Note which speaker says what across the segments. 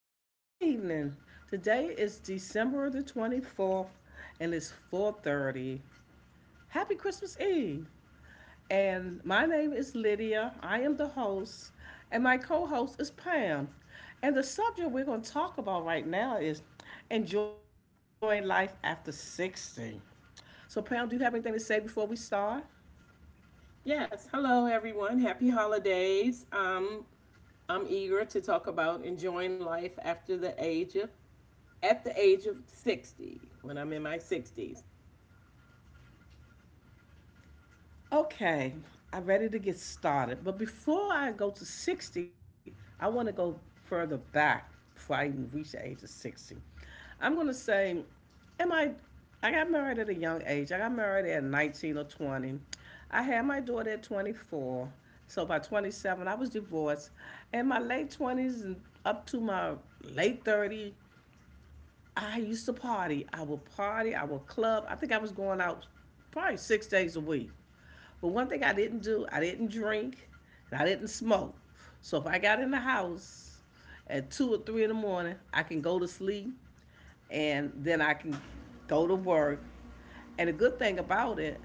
Speaker 1: good evening, good evening. Today is December the 24th and it's 4:30. Happy Christmas Eve. And my name is Lydia. I am the host and my co-host is Pam. And the subject we're going to talk about right now is enjoying life after 60. So Pam, do you have anything to say before we start?
Speaker 2: Yes, hello everyone. Happy holidays. I'm eager to talk about enjoying life after the age of at the age of 60 when I'm in my 60s.
Speaker 1: Okay, I'm ready to get started. But before I go to 60, I want to go further back before I even reach the age of 60. I'm going to say, am I? I got married at a young age. I got married at 19 or 20. I had my daughter at 24. So by 27, I was divorced. In my late 20s and up to my late 30s, I used to party. I would party. I would club. I think I was going out probably 6 days a week. But one thing I didn't do, I didn't drink, and I didn't smoke. So if I got in the house at 2 or 3 in the morning, I can go to sleep, and then I can go to work. And the good thing about it,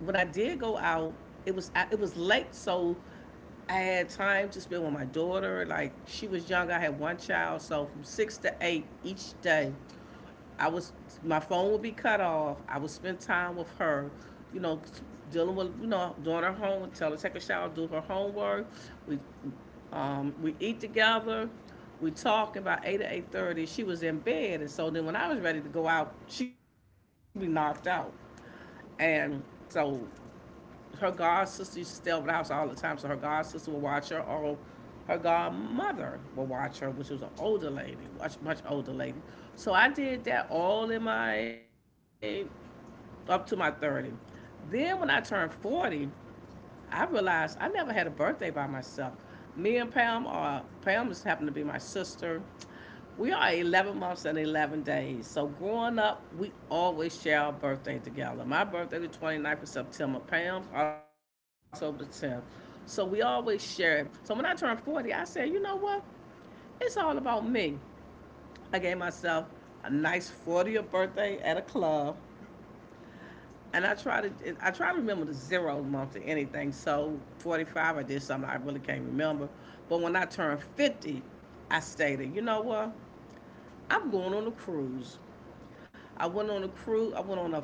Speaker 1: when I did go out, it was late, so I had time to spend with my daughter. Like she was young, I had one child, so from 6 to 8 each day, I was my phone would be cut off. I would spend time with her, you know, dealing with doing her homework, tell her to take a shower, do her homework. We we eat together. We talk about 8 to 8:30. She was in bed, and so then when I was ready to go out, she be knocked out. And so her god sister used to stay over the house all the time. So her god sister would watch her, or her godmother would watch her, which was an older lady, much much older lady. So I did that all in my up to my 30. Then when I turned 40, I realized I never had a birthday by myself. Me and Pam are Pam just happened to be my sister. We are 11 months and 11 days. So growing up, we always share our birthday together. My birthday the twenty-ninth of September, Pam's October the 10th. So we always share it. So when I turned 40, I said, you know what? It's all about me. I gave myself a nice 40th birthday at a club. And I try to remember the zero month to anything. So 45 I did something I really can't remember. But when I turned 50, I stated, you know what? I'm going on a cruise. I went on a cruise I went on a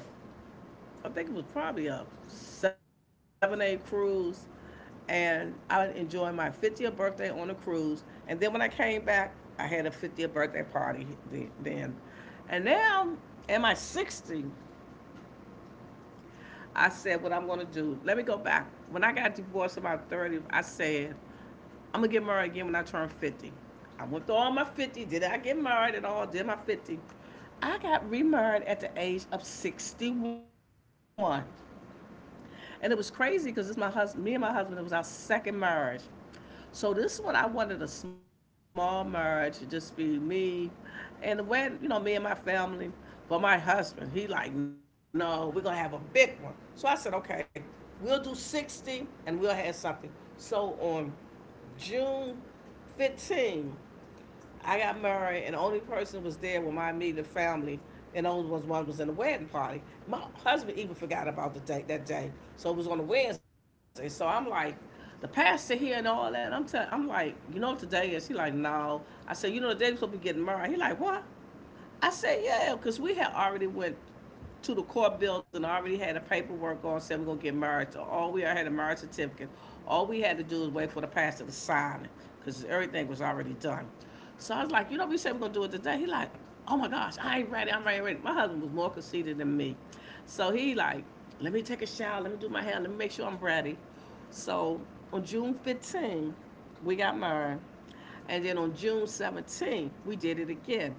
Speaker 1: I think it was probably a 7 or 8 cruise and I enjoyed my 50th birthday on a cruise. And then when I came back, I had a 50th birthday party then. And now in my 60 I said what I'm gonna do. Let me go back. When I got divorced about 30, I said, I'm gonna get married again when I turn 50. I went through all my 50. Did I get married at all? Did my 50. I got remarried at the age of 61. And it was crazy because me and my husband, it was our second marriage. So this one, I wanted a small marriage, to just be me, and the way you know me and my family. But my husband, he like, no, we're gonna have a big one. So I said, okay, we'll do 60, and we'll have something. So on June 15, I got married, and the only person was there with my immediate family, and the only was one was in the wedding party. My husband even forgot about the day that day, so it was on a Wednesday. So I'm like, the pastor here and all that. I'm telling, I'm like, you know what today is? He like, no. I said, you know the day we supposed to be getting married. He like, what? I said, yeah, because we had already went to the court building, already had the paperwork on, said we're gonna get married. So all we already had a marriage certificate. All we had to do was wait for the pastor to sign it, because everything was already done. So I was like, you know, we said we're gonna do it today. He like, oh my gosh, I ain't ready, I'm ready, ready. My husband was more conceited than me. So he like, let me take a shower, let me do my hair, let me make sure I'm ready. So on June 15, we got married. And then on June 17, we did it again.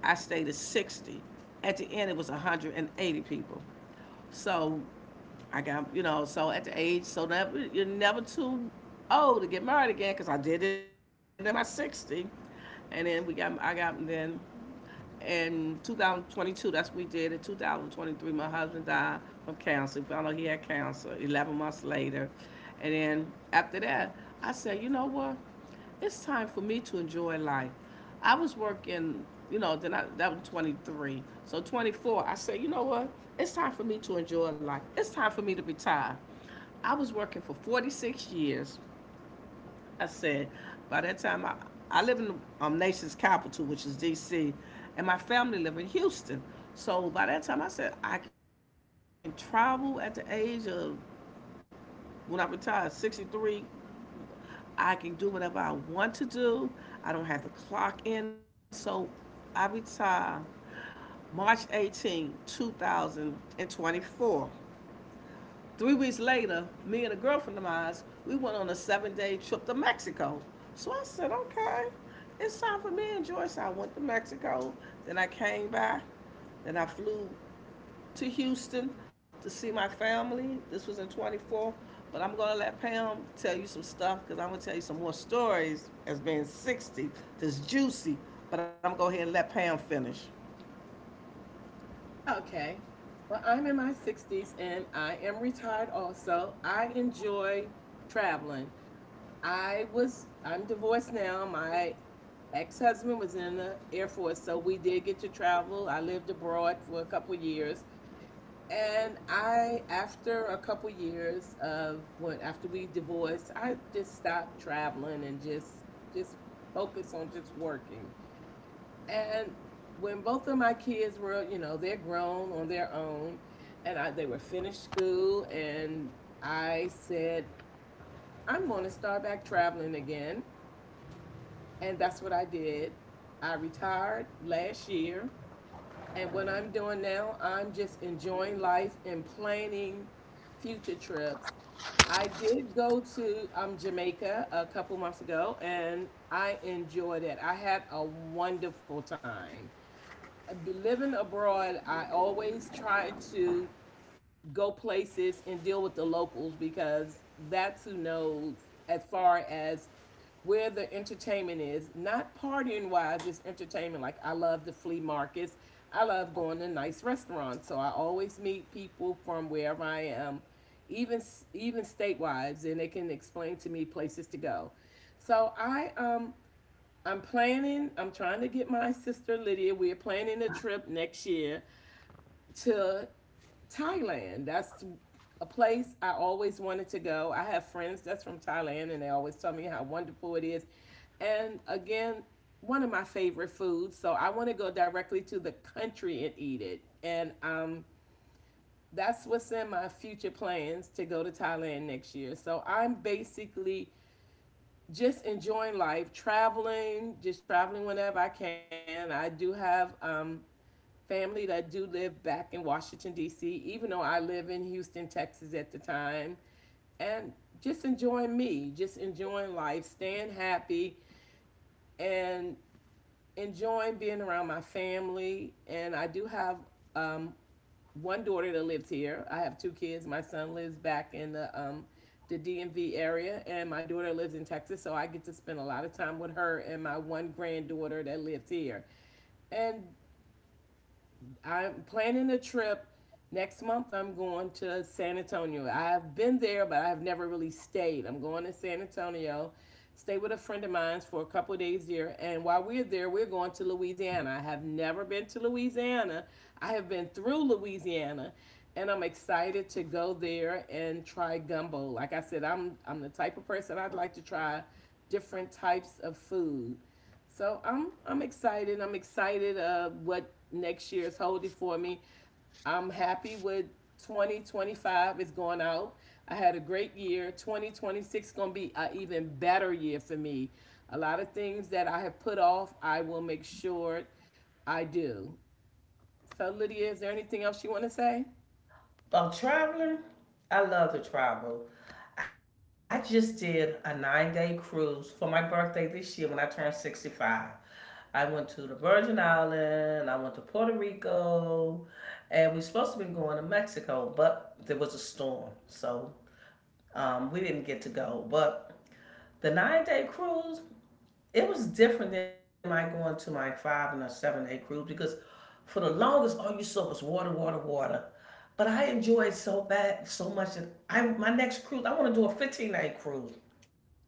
Speaker 1: I stayed at 60. At the end, it was 180 people. So I got, you know, so at the age, so never, you're never too old to get married again because I did it in my 60. And then we got, I got, then in 2022, that's what we did. In 2023, my husband died from cancer. We found out he had cancer 11 months later. And then after that, I said, you know what? It's time for me to enjoy life. I was working, you know, then I that was 23. So 24, I said, you know what? It's time for me to enjoy life. It's time for me to retire. I was working for 46 years. I said, by that time, I live in the nation's capital, which is D.C., and my family live in Houston. So by that time, I said, I can travel at the age of, when I retire, 63, I can do whatever I want to do. I don't have to clock in. So I retire March 18, 2024. 3 weeks later, me and a girlfriend of mine, we went on a 7-day trip to Mexico. So I said, okay, it's time for me to enjoy. So I went to Mexico. Then I came back. Then I flew to Houston to see my family. This was in 24. But I'm gonna let Pam tell you some stuff because I'm gonna tell you some more stories as being 60 that's juicy. But I'm gonna go ahead and let Pam finish.
Speaker 2: Okay. Well, I'm in my 60s and I am retired also. I enjoy traveling. I'm divorced now. My ex-husband was in the Air Force, so we did get to travel. I lived abroad for a couple years. And after a couple years of when after we divorced, I just stopped traveling and just focus on just working. And when both of my kids were, you know, they're grown on their own, and they were finished school, and I said, I'm going to start back traveling again, and that's what I did. I retired last year, and what I'm doing now, I'm just enjoying life and planning future trips. I did go to Jamaica a couple months ago and I enjoyed it. I had a wonderful time. Living abroad, I always try to go places and deal with the locals because that's who knows as far as where the entertainment is. Not partying wise, it's entertainment. Like, I love the flea markets, I love going to nice restaurants, so I always meet people from wherever I am, even even statewide, and they can explain to me places to go. So I'm trying to get my sister Lydia. We're planning a trip next year to Thailand. That's a place I always wanted to go. I have friends that's from Thailand and they always tell me how wonderful it is. And again, one of my favorite foods. So I want to go directly to the country and eat it. And That's what's in my future plans, to go to Thailand next year. So I'm basically just enjoying life, traveling, just traveling whenever I can. I do have family that do live back in Washington, D.C., even though I live in Houston, Texas at the time, and just enjoying me, just enjoying life, staying happy, and enjoying being around my family. And I do have um, one daughter that lives here. I have two kids. My son lives back in the DMV area, and my daughter lives in Texas, so I get to spend a lot of time with her and my one granddaughter that lives here. And I'm planning a trip. Next month, I'm going to San Antonio. I've been there, but I've never really stayed. I'm going to San Antonio, stay with a friend of mine for a couple of days there. And while we're there, we're going to Louisiana. I have never been to Louisiana. I have been through Louisiana, and I'm excited to go there and try gumbo. Like I said, I'm the type of person I'd like to try different types of food. So I'm excited. I'm excited what next year is holding for me. I'm happy with 2025 is going out. I had a great year. 2026 is going to be an even better year for me. A lot of things that I have put off, I will make sure I do. So Lydia, is there anything else you want to say?
Speaker 1: About traveling, I love to travel. I just did a 9-day cruise for my birthday this year when I turned 65. I went to the Virgin Islands. I went to Puerto Rico, and we were supposed to be going to Mexico, but there was a storm. So we didn't get to go, but the 9-day cruise, it was different than my going to my 5 and a 7-day cruise because for the longest, all you saw was water, water, water. But I enjoyed so bad, so much that I my next cruise, I want to do a 15-day cruise.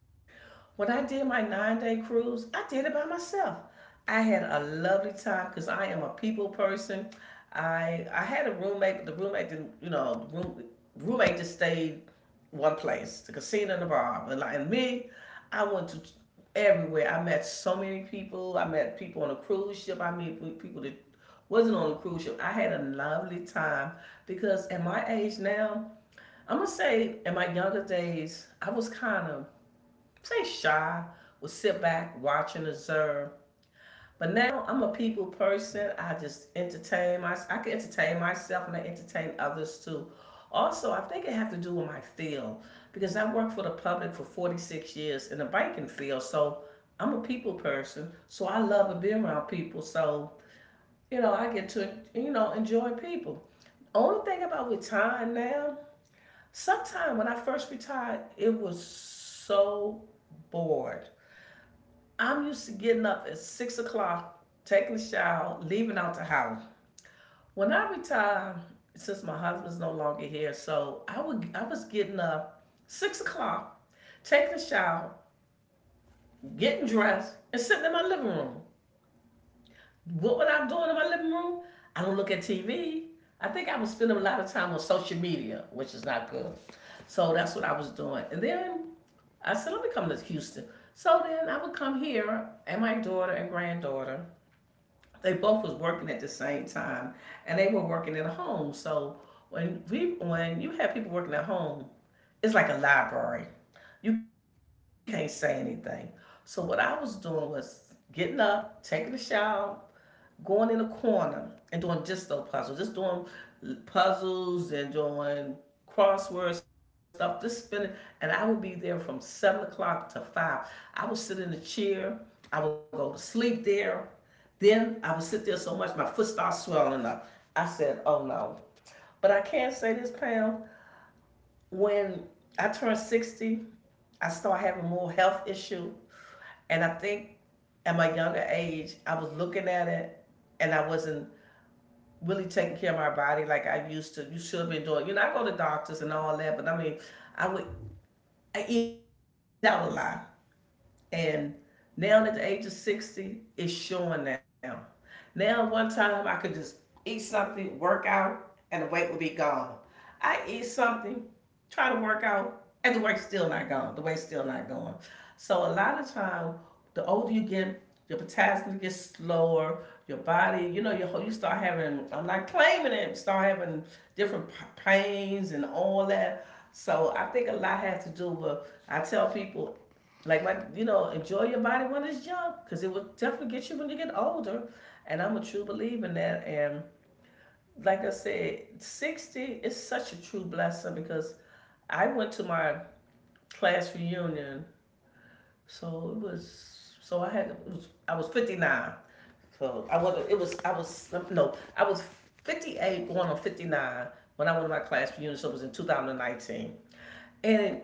Speaker 1: When I did my 9-day cruise, I did it by myself. I had a lovely time because I am a people person. I had a roommate, but the roommate didn't, you know, roommate just stayed one place, the casino and the bar. But like and me, I went to everywhere. I met so many people. I met people on a cruise ship. I met people that wasn't on a cruise ship. I had a lovely time because at my age now, I'm gonna say in my younger days, I was kind of say shy, will sit back, watch, and observe. But now I'm a people person. I just entertain myself. I can entertain myself and I entertain others too. Also, I think it have to do with my field because I worked for the public for 46 years in the banking field. So I'm a people person. So I love being around people. So, you know, I get to, you know, enjoy people. Only thing about retiring now, sometime when I first retired, it was so bored. I'm used to getting up at 6 o'clock, taking a shower, leaving out the house. When I retired, since my husband's no longer here, so I was getting up 6 o'clock, taking a shower, getting dressed, and sitting in my living room. What was I doing in my living room? I don't look at TV. I think I was spending a lot of time on social media, which is not good. So that's what I was doing. And then I said, let me come to Houston. So then I would come here, and my daughter and granddaughter, they both was working at the same time, and they were working at home. So when you have people working at home, it's like a library. You can't say anything. So what I was doing was getting up, taking a shower, going in a corner, and doing just those puzzles, just doing puzzles and doing crossword stuff, just spinning. And I would be there from 7 o'clock to five. I would sit in a chair. I would go to sleep there. Then I would sit there so much my foot started swelling up. I said, "Oh no." But I can say this, Pam. When I turned 60, I started having more health issues. And I think at my younger age, I was looking at it and I wasn't really taking care of my body like I used to. You should have been doing. You know, I go to doctors and all that, but I mean, I would I eat out a lot, and now at the age of 60, it's showing now. Now, one time I could just eat something, work out, and the weight would be gone. I eat something, try to work out, and the work's still not going. The weight's still not going. So a lot of time, the older you get, your potassium gets slower. Your body, you know, your whole, you start having. I'm not claiming it. Start having different pains and all that. So I think a lot has to do with. I tell people, like my, you know, enjoy your body when it's young, because it will definitely get you when you get older. And I'm a true believer in that. And like I said, 60 is such a true blessing because I went to my class reunion, so it was so I had it was I was 59. So I was it was I was no, I was 58 going on 59 when I went to my class reunion, so it was in 2019. And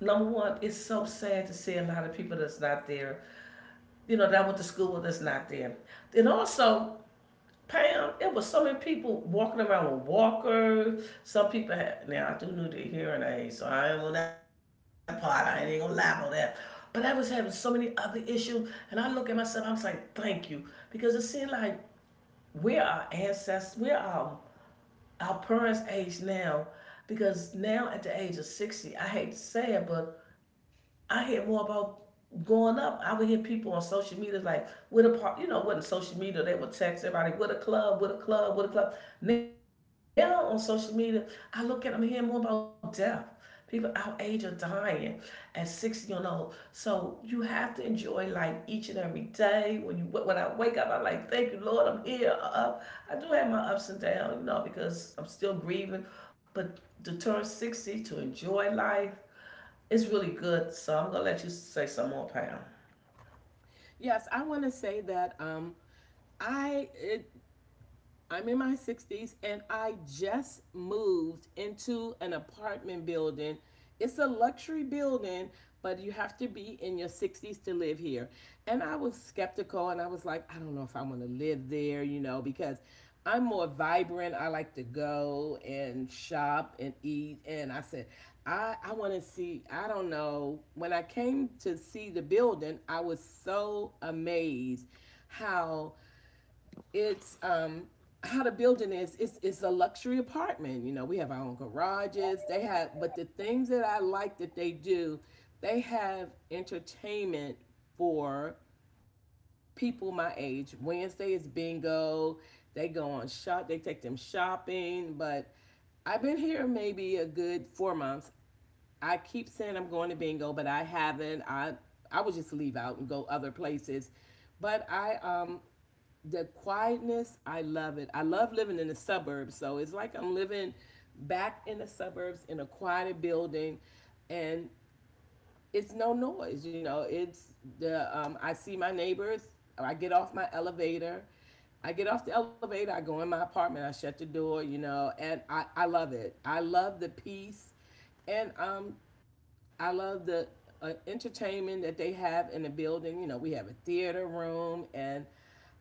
Speaker 1: number one, it's so sad to see a lot of people that's not there, you know, that I went to school with that's not there. And also, Pam, it was so many people walking around with walkers. Some people had, now I do know their hearing aid, so I ain't on that part. I ain't gonna lie about that. But I was having so many other issues, and I look at myself. I was like, thank you, because it seemed like we're our ancestors, we're our parents' age now, because now at the age of 60, I hate to say it, but I hear more about going up. I would hear people on social media like, "What a part," you know, wasn't social media. They would text everybody, "What a club, what a club, what a club." Now on social media, I look at them hearing more about death. People our age are dying at 60 years old. So you have to enjoy life each and every day. When I wake up, I'm like, "Thank you, Lord, I'm here." I'm up. I do have my ups and downs, you know, because I'm still grieving. But to turn 60, to enjoy life, it's really good, so I'm gonna let you say some more, Pam.
Speaker 2: Yes, I want to say that I it, I'm in my 60s and I just moved into an apartment building. It's a luxury building, but you have to be in your 60s to live here. And I was skeptical and I was like, I don't know if I want to live there, you know, because I'm more vibrant. I like to go and shop and eat. And I said, I want to see, I don't know. When I came to see the building, I was so amazed how it's how the building is. It's a luxury apartment. You know, we have our own garages, they have. But the things that I like that they do, they have entertainment for people my age. Wednesday is bingo. They go on shop, they take them shopping. But I've been here maybe a good four months. I keep saying I'm going to bingo, but I haven't. I would just leave out and go other places. But i um the quietness, I love it. I love living in the suburbs. So it's like I'm living back in the suburbs in a quieter building, and it's no noise, you know. It's the I see my neighbors. I get off my elevator. I get off the elevator, I go in my apartment, I shut the door, you know, and I love it. I love the peace, and I love the entertainment that they have in the building. You know, we have a theater room, and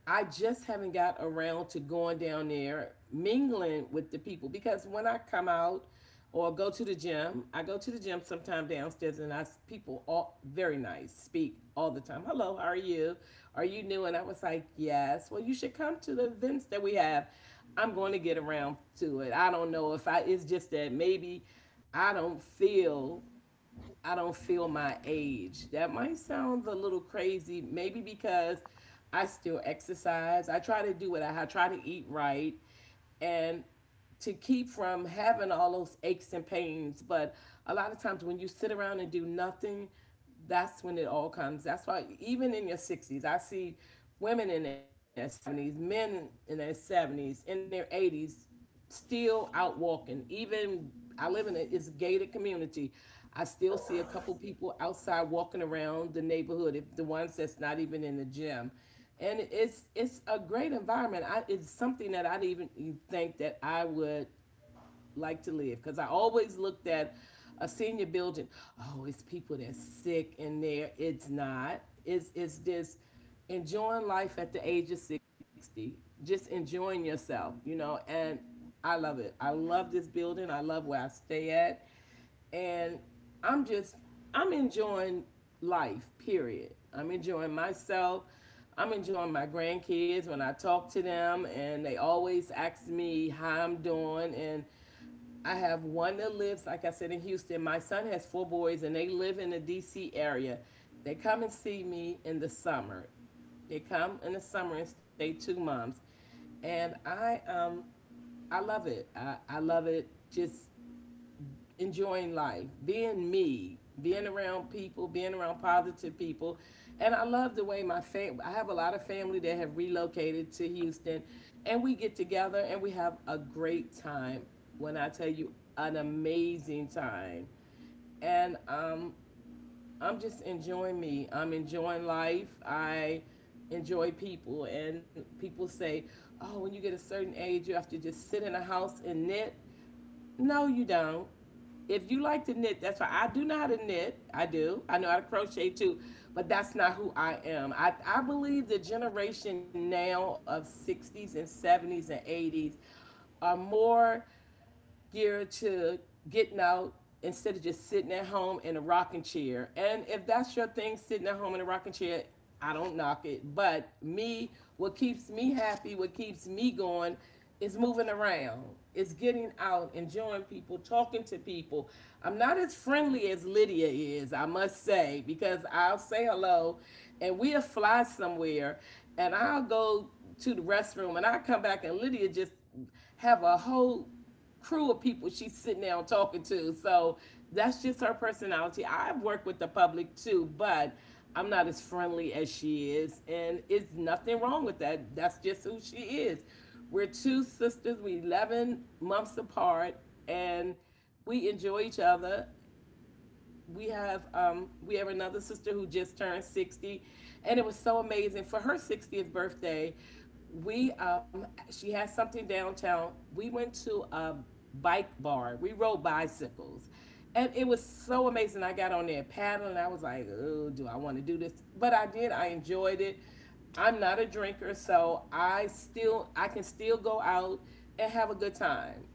Speaker 2: I just haven't got around to going down there mingling with the people, because when I come out or go to the gym — I go to the gym sometime downstairs — and I people all very nice, speak all the time. Hello, how are you? Are you new? And I was like, yes. Well, you should come to the events that we have. I'm going to get around to it. I don't know if I. It's just that maybe I don't feel I don't feel my age. That might sound a little crazy, maybe because I still exercise. I try to do it. I try to eat right, and to keep from having all those aches and pains. But a lot of times when you sit around and do nothing, that's when it all comes. That's why even in your 60s, I see women in their 70s, men in their 70s, in their 80s, still out walking. Even I live in a it's a gated community. I still see a couple people outside walking around the neighborhood, if the ones that's not even in the gym, and it's a great environment. It's something that I'd even think that I would like to live, because I always looked at a senior building. Oh, it's people that's sick in there. It's not. It's just enjoying life at the age of 60. Just enjoying yourself, you know. And I love it. I love this building. I love where I stay at, and I'm just I'm enjoying life, period. I'm enjoying myself. I'm enjoying my grandkids when I talk to them, and they always ask me how I'm doing. And I have one that lives, like I said, in Houston. My son has four boys and they live in the DC area. They come and see me in the summer. They come in the summer and stay two months. And I love it. I love it. Just enjoying life, being me, being around people, being around positive people. And I love the way my family — I have a lot of family that have relocated to Houston, and we get together and we have a great time. When I tell you, an amazing time. And I'm just enjoying me. I'm enjoying life. I enjoy people. And people say, oh, when you get a certain age, you have to just sit in a house and knit. No, you don't. If you like to knit, that's why. I do know how to knit. I do. I know how to crochet too, but that's not who I am. I believe the generation now of 60s and 70s and 80s are more geared to getting out instead of just sitting at home in a rocking chair. And if that's your thing, sitting at home in a rocking chair, I don't knock it. But me, what keeps me happy, what keeps me going is moving around. It's getting out, enjoying people, talking to people. I'm not as friendly as Lydia is, I must say, because I'll say hello and we'll fly somewhere and I'll go to the restroom and I come back and Lydia just have a whole crew of people she's sitting down talking to. So that's just her personality. I've worked with the public too, but I'm not as friendly as she is. And it's nothing wrong with that. That's just who she is. We're two sisters, we're 11 months apart, and we enjoy each other. We have another sister who just turned 60, and it was so amazing. For her 60th birthday, we she had something downtown. We went to a bike bar, we rode bicycles, and it was so amazing. I got on there paddling, I was like, oh, do I want to do this? But I did, I enjoyed it. I'm not a drinker, so I can still go out and have a good time.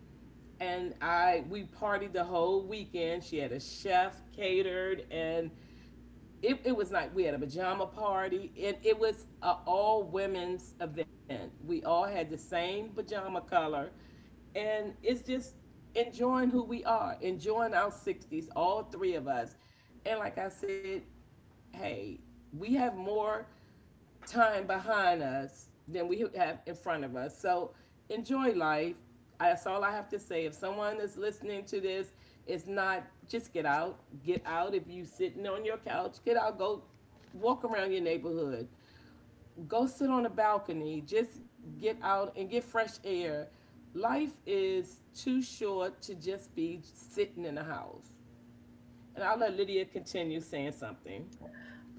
Speaker 2: And I we partied the whole weekend. She had a chef catered, and it was like we had a pajama party, and it was an all women's event. We all had the same pajama color, and it's just enjoying who we are, enjoying our 60s, all three of us. And like I said, hey, we have more time behind us than we have in front of us. So enjoy life. That's all I have to say. If someone is listening to this, it's not just get out. Get out. If you are sitting on your couch, get out. Go walk around your neighborhood. Go sit on a balcony. Just get out and get fresh air. Life is too short to just be sitting in a house. And I'll let Lydia continue saying something.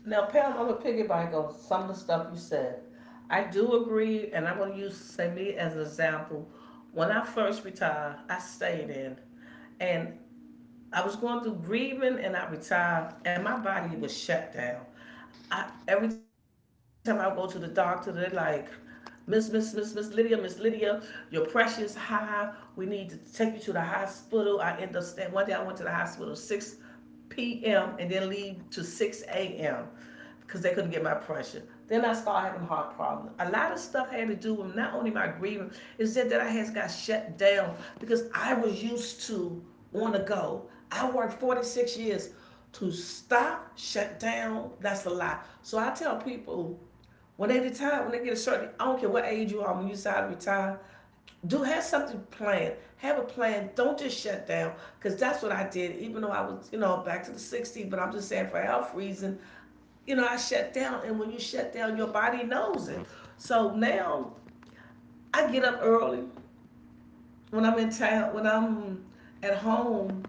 Speaker 1: Now, Pam, I'm gonna piggyback on some of the stuff you said. I do agree, and I'm gonna use say me as an example. When I first retired, I stayed in, and I was going through grieving, and I retired, and my body was shut down. I, every time I go to the doctor, they're like, Miss Lydia, your pressure is high. We need to take you to the hospital. I end up staying. One day I went to the hospital six p.m. and then leave to 6 a.m. because they couldn't get my pressure. Then I started having heart problems. A lot of stuff had to do with not only my grieving, it's just that I had got shut down because I was used to on the go. I worked 46 years, to stop, shut down. That's a lot. So I tell people when they retire, when they get a certain, I don't care what age you are, when you decide to retire, do have something planned. Have a plan. Don't just shut down, because that's what I did. Even though I was, you know, back to the 60s, but I'm just saying for health reason, you know, I shut down, and when you shut down, your body knows it. So now I get up early. When I'm in town, when I'm at home,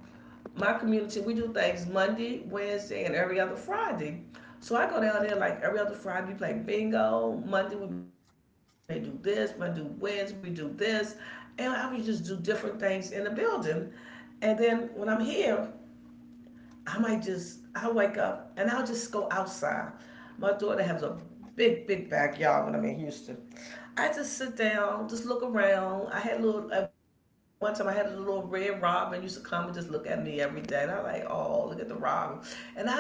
Speaker 1: my community, we do things Monday, Wednesday, and every other Friday. So I go down there like every other Friday, we play bingo. Monday we may do this, Monday Wednesday we do this, and I would just do different things in the building. And then when I'm here, I might just I wake up and I'll just go outside. My daughter has a big, big backyard when I'm in Houston. I just sit down, just look around. I had a little at one time I had a little red robin used to come and just look at me every day. And I like, oh, look at the robin. And I just look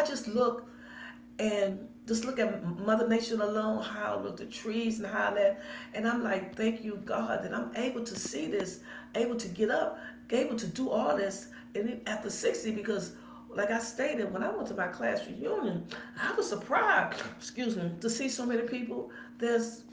Speaker 1: and just look at Mother Nature alone, how with the trees and how that. And I'm like, thank you, God, that I'm able to see this, able to get up, able to do all this. And after 60, because like I stated, when I went to my class reunion, I was surprised, excuse me, to see so many people that's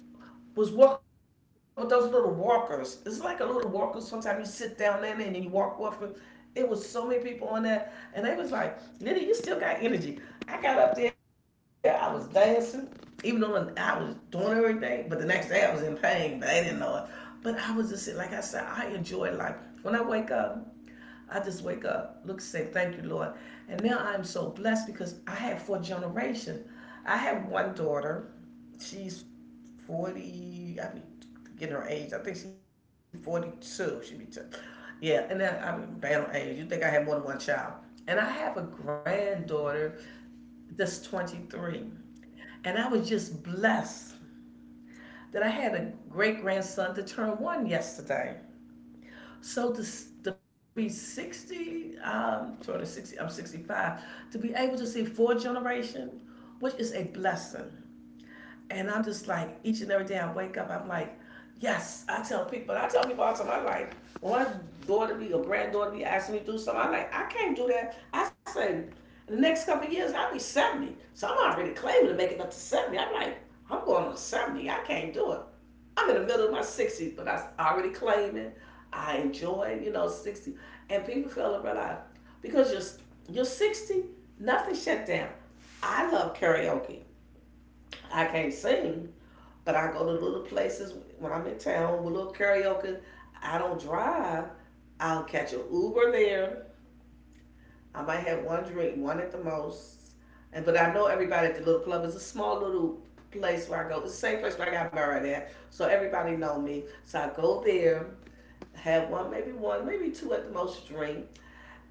Speaker 1: was walking with those little walkers. It's like a little walker. Sometimes you sit down in it and then you walk with it. It was so many people on that, and they was like, "Liddy, you still got energy." I got up there. I was dancing, even though I was doing everything. But the next day I was in pain, but they didn't know it. But I was just, like I said, I enjoy life. When I wake up, I just wake up, look, say thank you, Lord. And now I'm so blessed because I have four generations. I have one daughter, she's 40. I be getting her age. I think she's 42. Yeah, and then I be bad on age. You think I had more than one child? And I have a granddaughter that's 23, and I was just blessed that I had a great grandson to turn one yesterday. So to be 60, sort 60. I'm 65. To be able to see four generation, which is a blessing. And I'm just like, each and every day I wake up, I'm like, yes. I tell people all the time, I'm like, when my daughter be or granddaughter be asking me to do something, I'm like, I can't do that. I say, in the next couple of years, I'll be 70. So I'm already claiming to make it up to 70. I'm like, I'm going to 70. I can't do it. I'm in the middle of my 60s, but I already claiming. I enjoy, you know, 60. And people feel to realize because you're 60, nothing shut down. I love karaoke. I can't sing, but I go to little places when I'm in town with little karaoke. I don't drive. I'll catch an Uber there. I might have one drink, one at the most. And but I know everybody at the little club, is a small little place where I go. It's the same place where I got married at, so everybody know me. So I go there, have one, maybe two at the most drink,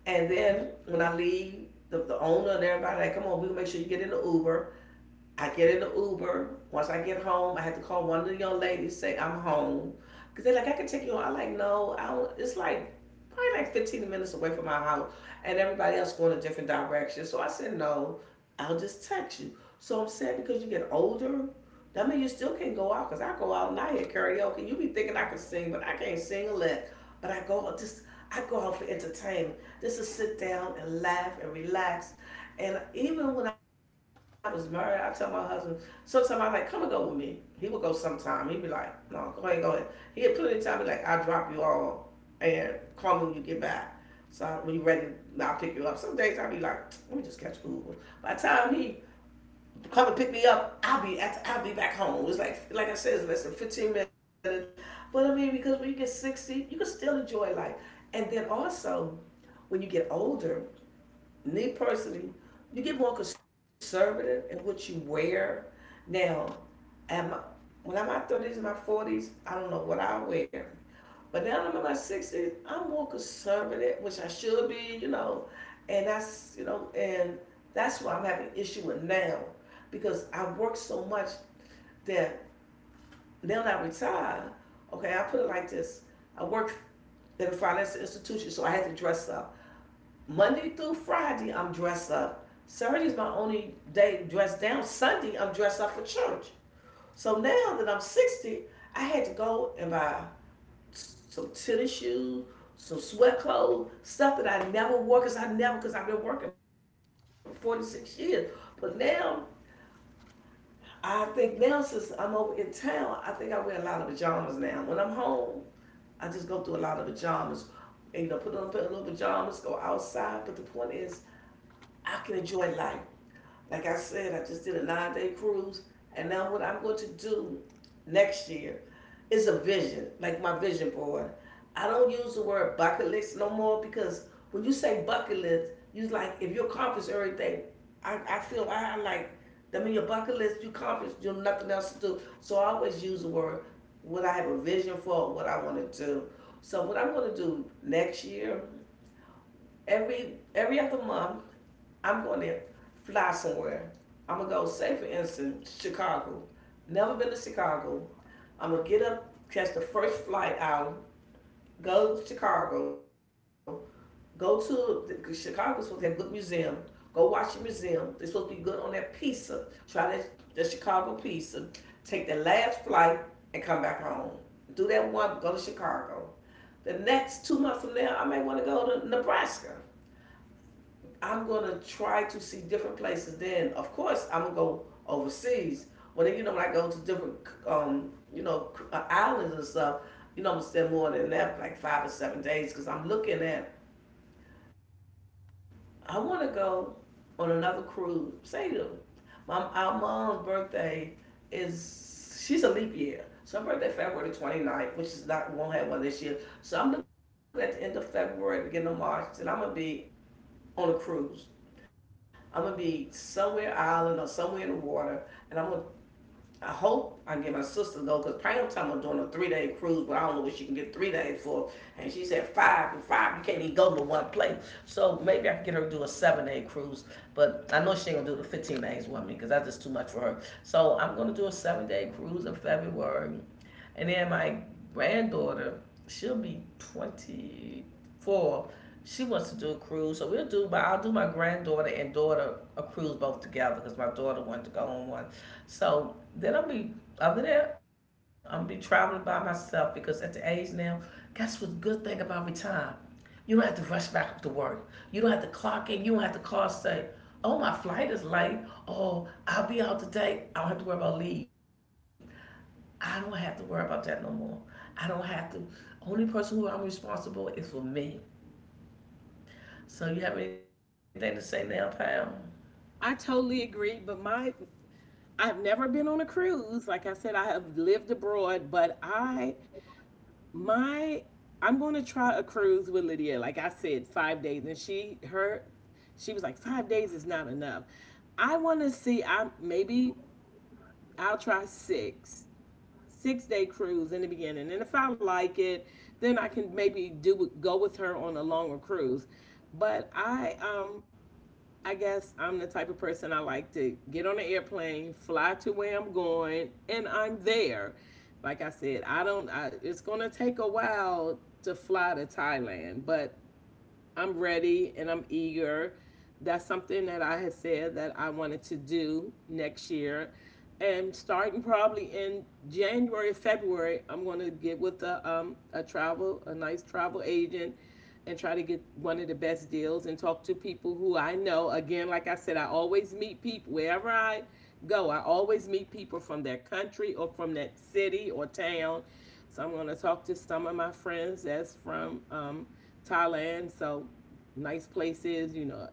Speaker 1: and then when I leave, the owner and everybody like, come on, we'll make sure you get in the Uber. I get in the Uber. Once I get home, I had to call one of the young ladies, say I'm home. Cause they're like, I can take you on. I like, no, I don't. It's like probably like 15 minutes away from my house, and everybody else going a different direction. So I said, no, I'll just text you. So I'm saying because you get older, that means you still can't go out, because I go out and I hear karaoke. You be thinking I can sing, but I can't sing a lick. But I go out just, I go out for entertainment. Just to sit down and laugh and relax. And even when I was married, I tell my husband, sometimes I'm like, come and go with me. He would go sometime. He'd be like, no, go ahead, go ahead. He had plenty of time. He'd be like, I'll drop you all and call me when you get back. So when you're ready, I'll pick you up. Some days I'll be like, let me just catch Uber. By the time he come and pick me up, I'll be at, I'll be back home. It's like I said, it's less than 15 minutes. But I mean, because when you get 60, you can still enjoy life. And then also, when you get older, me personally, you get more conservative in what you wear. Now, am I, when I'm in my 30s and my 40s, I don't in know what I wear. But now that I'm in my 60s, I'm more conservative, which I should be, you know. And that's why I'm having an issue with now, because I work so much that now that I retire, okay, I put it like this: I work at a financial institution, so I had to dress up. Monday through Friday, I'm dressed up. Saturday's my only day dressed down. Sunday, I'm dressed up for church. So now that I'm 60, I had to go and buy some tennis shoes, some sweat clothes, stuff that I never wore because I never, because I've been working for 46 years. But now, I think now since I'm over in town, I think I wear a lot of pajamas now. When I'm home, I just go through a lot of pajamas and, you know, put on a little pajamas, go outside. But the point is, I can enjoy life. Like I said, I just did a 9 day cruise, and now what I'm going to do next year is a vision, like my vision board. I don't use the word bucket list no more because when you say bucket list, you like if you accomplish everything, I feel I like that mean your bucket list you accomplished, you have nothing else to do. So I always use the word what I have a vision for, what I want to do. So what I'm going to do next year every other month, I'm going to fly somewhere. I'm gonna go, say for instance, Chicago. Never been to Chicago. I'm gonna get up, catch the first flight out, go to Chicago, go to cause Chicago's supposed to have a good museum. Go watch the museum. They're supposed to be good on that pizza. Try that the Chicago pizza. Take the last flight and come back home. Do that one. Go to Chicago. The next 2 months from there, I may want to go to Nebraska. I'm gonna try to see different places. Then, of course, I'm gonna go overseas. When you know, when I go to different, you know, islands and stuff, you know, I'm gonna spend more than that, like 5 or 7 days, because I'm looking at. I want to go on another cruise. Say to them, my our mom's birthday is she's a leap year. So her birthday February 29th, which is not won't have one this year. So I'm looking at the end of February, beginning of March, and I'm gonna be on a cruise. I'm gonna be somewhere island or somewhere in the water, and I'm gonna. I hope I can get my sister to go because Pam talking about doing a 3 day cruise, but I don't know what she can get 3 days for. And she said five and five, you can't even go to one place. So maybe I can get her to do a 7 day cruise, but I know she ain't gonna do the 15 days with me because that's just too much for her. So I'm gonna do a 7 day cruise in February and then my granddaughter, she'll be 24. She wants to do a cruise, so we'll do. But I'll do my granddaughter and daughter a cruise both together because my daughter wanted to go on one. So then I'll be over there. I'm gonna be traveling by myself because at the age now, guess what's good thing about retirement? You don't have to rush back up to work. You don't have to clock in. You don't have to call say, "Oh, my flight is late." Oh, I'll be out today. I don't have to worry about leave. I don't have to worry about that no more. I don't have to. Only person who I'm responsible is for me. So you have anything to say now, Pam?
Speaker 2: I totally agree, but my I've never been on a cruise. Like I said, I have lived abroad, but my I'm going to try a cruise with Lydia. Like I said, five days, and she her she was like five days is not enough. I want to see. I maybe I'll try 6 6-day cruise in the beginning. And if I like it, then I can maybe do go with her on a longer cruise. But I guess I'm the type of person. I like to get on an airplane, fly to where I'm going, and I'm there. Like I said, I don't. It's gonna take a while to fly to Thailand, but I'm ready and I'm eager. That's something that I had said that I wanted to do next year. And starting probably in January or February, I'm going to get with a nice travel agent and try to get one of the best deals and talk to people who I know. Again, like I said, I always meet people wherever I go. I always meet people from that country or from that city or town. So I'm going to talk to some of my friends that's from Thailand. So nice places, you know,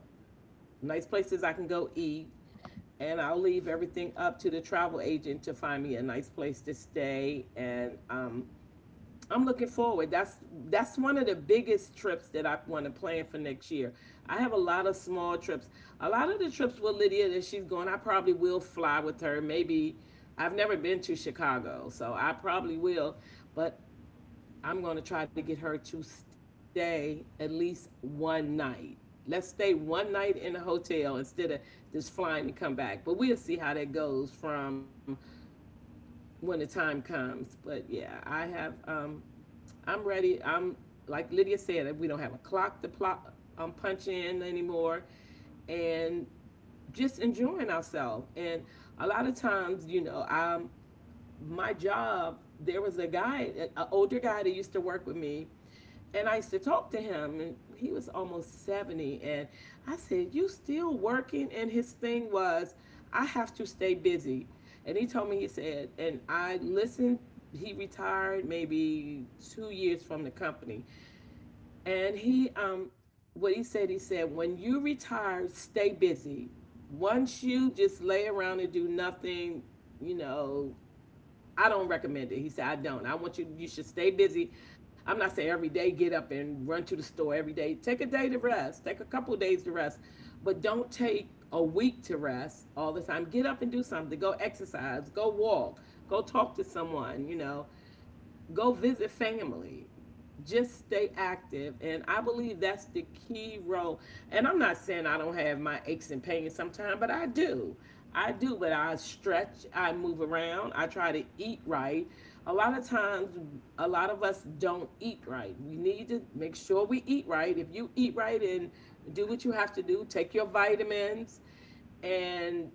Speaker 2: nice places I can go eat. And I'll leave everything up to the travel agent to find me a nice place to stay. And I'm looking forward. That's one of the biggest trips that I want to plan for next year. I have a lot of small trips. A lot of the trips with Lydia that she's going, I probably will fly with her. Maybe I've never been to Chicago, so I probably will. But I'm going to try to get her to stay at least one night. Let's stay one night in the hotel instead of just flying and come back. But we'll see how that goes from when the time comes. But yeah, I have I'm ready. I'm like Lydia said, we don't have a clock to plot, punch in anymore, and just enjoying ourselves. And a lot of times, you know, I'm my job, there was a guy, an older guy that used to work with me, and I used to talk to him, and he was almost 70. And I said, "You still working?" And his thing was, I have to stay busy. And he told me, he said, and I listened. He retired maybe 2 years from the company. And what he said, when you retire, stay busy. Once you just lay around and do nothing, you know, I don't recommend it. He said, I don't. I want you, you should stay busy. I'm not saying every day get up and run to the store every day. Take a day to rest, take a couple of days to rest, but don't take a week to rest all the time. Get up and do something. Go exercise, go walk, go talk to someone, you know. Go visit family. Just stay active. And I believe that's the key role. And I'm not saying I don't have my aches and pains sometimes, but I do. I do, but I stretch, I move around, I try to eat right. A lot of times, a lot of us don't eat right. We need to make sure we eat right. If you eat right and do what you have to do, take your vitamins, and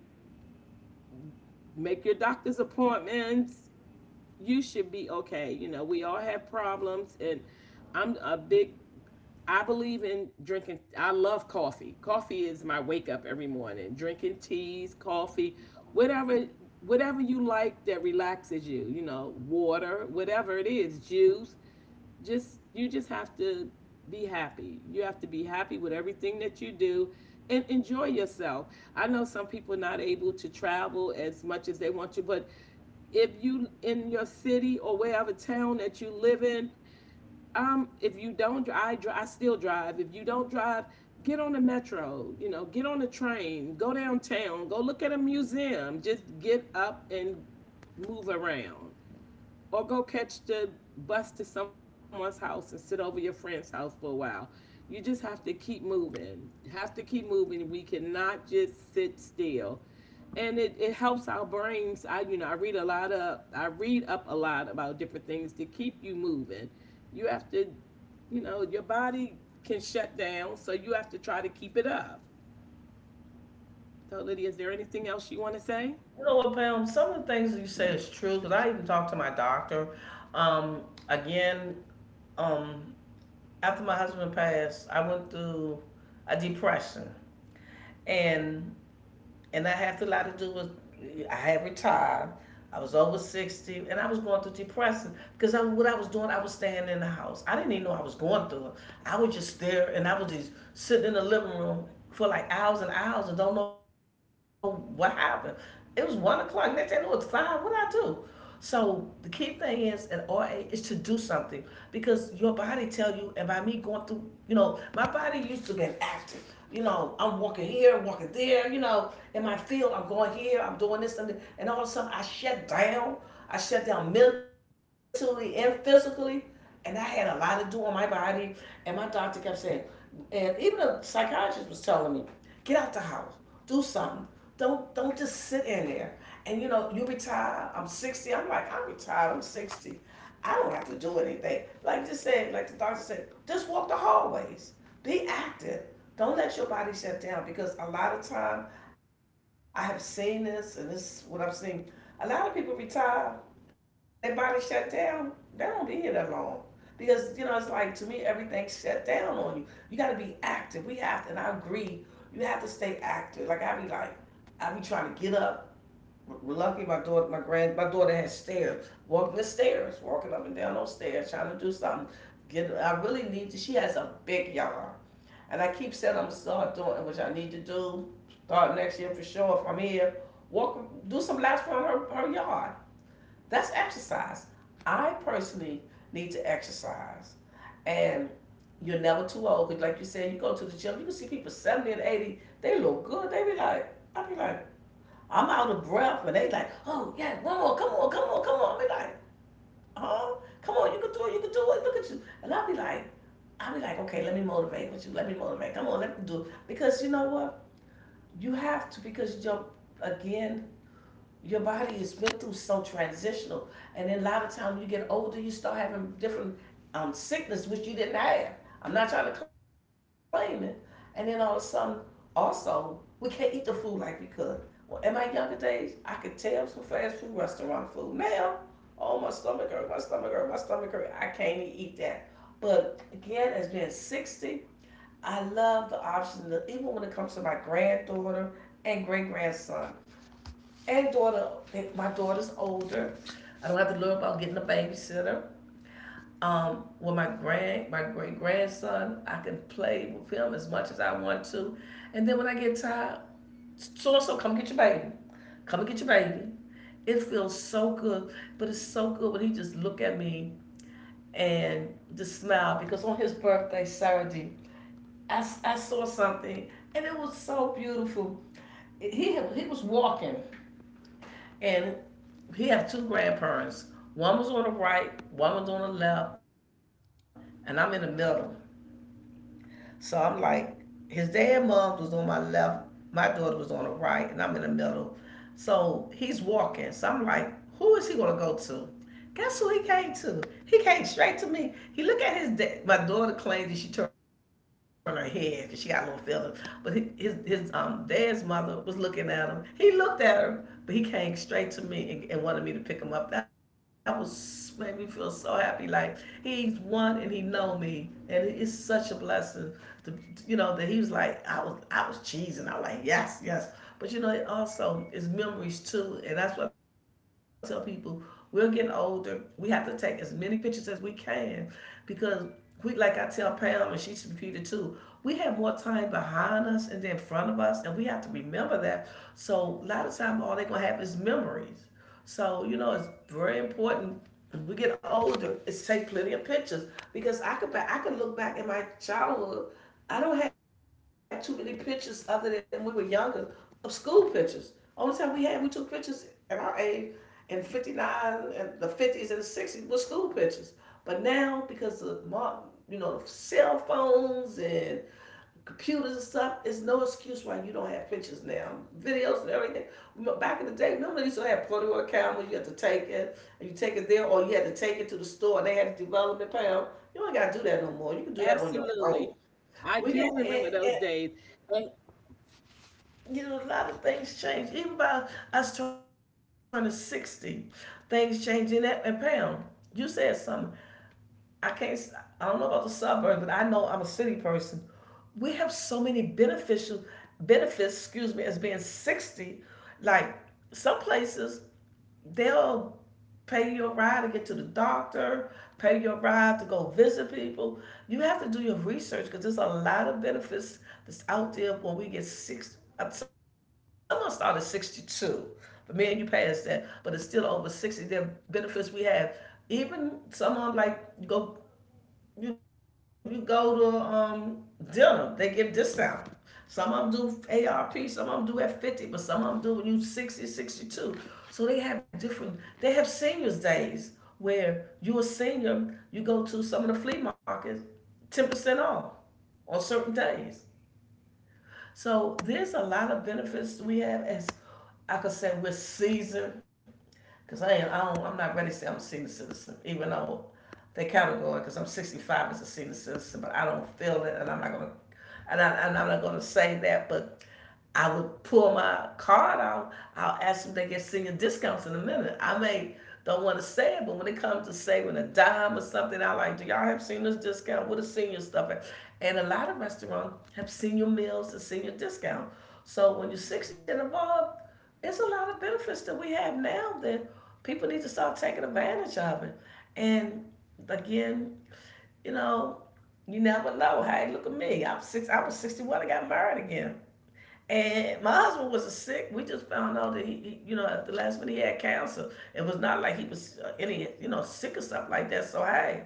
Speaker 2: make your doctor's appointments, you should be okay. You know, we all have problems, and I'm a big. I believe in drinking. I love coffee. Coffee is my wake up every morning. Drinking teas, coffee, whatever, whatever you like that relaxes you. You know, water, whatever it is, juice, just you just have to be happy. You have to be happy with everything that you do and enjoy yourself. I know some people are not able to travel as much as they want to, but if you in your city or wherever town that you live in, if you don't, I still drive. If you don't drive, get on the metro. You know, get on the train, go downtown, go look at a museum. Just get up and move around or go catch the bus to someone's house and sit over your friend's house for a while. You just have to keep moving. Have to keep moving. We cannot just sit still. And it helps our brains. I read a lot of I read up a lot about different things to keep you moving. You have to, you know, your body can shut down, so you have to try to keep it up. So Lydia, is there anything else you want to say?
Speaker 1: You know what, Pam? Some of the things that you say is true because I even talked to my doctor. Um, again, um, After my husband passed, I went through a depression, and I had a lot to do with I had retired. I was over 60, and I was going through depression because I, what I was doing, I was staying in the house. I didn't even know I was going through it. I was just there, and I was just sitting in the living room for like hours and hours, and don't know what happened. It was 1 o'clock. Next thing I know, it's five. What did I do? So the key thing is at RA is to do something because your body tell you, and by me going through, you know, my body used to be active. You know, I'm walking here, walking there. You know, in my field, I'm going here, I'm doing this, and all of a sudden I shut down. I shut down mentally and physically, and I had a lot to do on my body. And my doctor kept saying, and even a psychiatrist was telling me, get out the house do something. Don't just sit in there. And you know, you retire. I'm 60. I'm like, I'm retired. I'm 60. I don't have to do anything. Like just said, like the doctor said, just walk the hallways. Be active. Don't let your body shut down because a lot of time I have seen this, and this is what I've seen. A lot of people retire their body shut down, they don't be here that long. Because, you know, it's like to me, everything's shut down on you. You got to be active. We have to, and I agree, you have to stay active. Like, I be trying to get up. Lucky my daughter, my daughter has stairs. Walking the stairs, walking up and down those stairs, trying to do something. I really need to. She has a big yard, and I keep saying I'm gonna start doing it, which I need to do. Start next year for sure if I'm here. Walk, do some laps around her yard. That's exercise. I personally need to exercise. And you're never too old. 'Cause like you said, you go to the gym, you can see people 70 and 80, they look good. They be like, I be like, I'm out of breath. And they like, oh, yeah, one more, come on, come on, come on. I be like, huh? Come on, you can do it, you can do it. Look at you. And I be like, okay, let me motivate with you. Let me motivate. Come on, let me do it. Because you know what? You have to, because again, your body has been through so transitional, and then a lot of times when you get older, you start having different sickness which you didn't have. I'm not trying to claim it, and then all of a sudden, also we can't eat the food like we could. Well, in my younger days, I could tell some fast food restaurant food. Now, oh my stomach hurt. I can't even eat that. But again, as being 60, I love the option that even when it comes to my granddaughter and great grandson, and daughter. My daughter's older. I don't have to worry about getting a babysitter. With my great grandson, I can play with him as much as I want to. And then when I get tired, so and so, come get your baby. Come and get your baby. It feels so good, but it's so good when he just look at me and just smile because on his birthday Saturday, I saw something and it was so beautiful. He was walking. And he have two grandparents. One was on the right, one was on the left, and I'm in the middle. So I'm like, his dad and mom was on my left, my daughter was on the right, and I'm in the middle. So he's walking. So I'm like, who is he gonna go to? Guess who he came to? He came straight to me. He looked at his dad. My daughter claimed that she turned her head because she got a little feeling. But he, his dad's mother was looking at him. He looked at her, but he came straight to me and wanted me to pick him up. That was made me feel so happy. Like, he's one and he know me. And it's such a blessing to, you know, that he was like, I was cheesing. I was like, yes, yes. But you know, it also is memories too. And that's what I tell people, we're getting older. We have to take as many pictures as we can because we like I tell Pam and she's repeated too, we have more time behind us and then in front of us and we have to remember that. So a lot of time all they're gonna have is memories. So, it's very important. As we get older, it's take plenty of pictures because I could look back in my childhood. I don't have too many pictures other than when we were younger of school pictures. Only time we had we took pictures at our age in '59 and the '50s and the '60s were school pictures. But now because of the cell phones and computers and stuff, it's no excuse why you don't have pictures now. Videos and everything. Back in the day, remember they used to have Polaroid cameras, you had to take it, and you take it there, or you had to take it to the store, and they had the development pound. You ain't got to do that no more. You can do that on your
Speaker 2: Absolutely.
Speaker 1: own.
Speaker 2: I do
Speaker 1: We
Speaker 2: remember
Speaker 1: got, and,
Speaker 2: those
Speaker 1: and,
Speaker 2: days. And
Speaker 1: you know, a lot of things change. Even by us turning 60, things change in that and pound. You said something. I can't. I don't know about the suburbs, but I know I'm a city person. We have so many beneficial benefits. Excuse me, as being 60. Like some places, they'll pay your ride to get to the doctor, pay your ride to go visit people. You have to do your research because there's a lot of benefits that's out there when we get six. Someone started 62, but me and you passed that, but it's still over 60. There are benefits we have. Even someone like you go you you go to dinner, they give discount. Some of them do ARP, some of them do at 50, but some of them do when you 60, 62. So they have different, they have seniors days where you're a senior, you go to some of the flea markets, 10% off on certain days. So there's a lot of benefits we have as I could say we're seasoned. Cause I ain't, I don't, I'm not ready to say I'm a senior citizen, even though they category, cause I'm 65 as a senior citizen, but I don't feel it, and I'm not gonna, and I'm not gonna say that, but I would pull my card out. I'll ask them if they get senior discounts in a minute. I may don't want to say it, but when it comes to saving a dime or something, I like, do y'all have senior discount? What is senior stuff? At? And a lot of restaurants have senior meals and senior discount. So when you're 60 and above, it's a lot of benefits that we have now that people need to start taking advantage of it. And again, you know, you never know. Hey, look at me. I'm six. I was 61. I got married again. And my husband was a sick. We just found out that he at the last minute he had cancer. It was not like he was any, sick or stuff like that. So hey,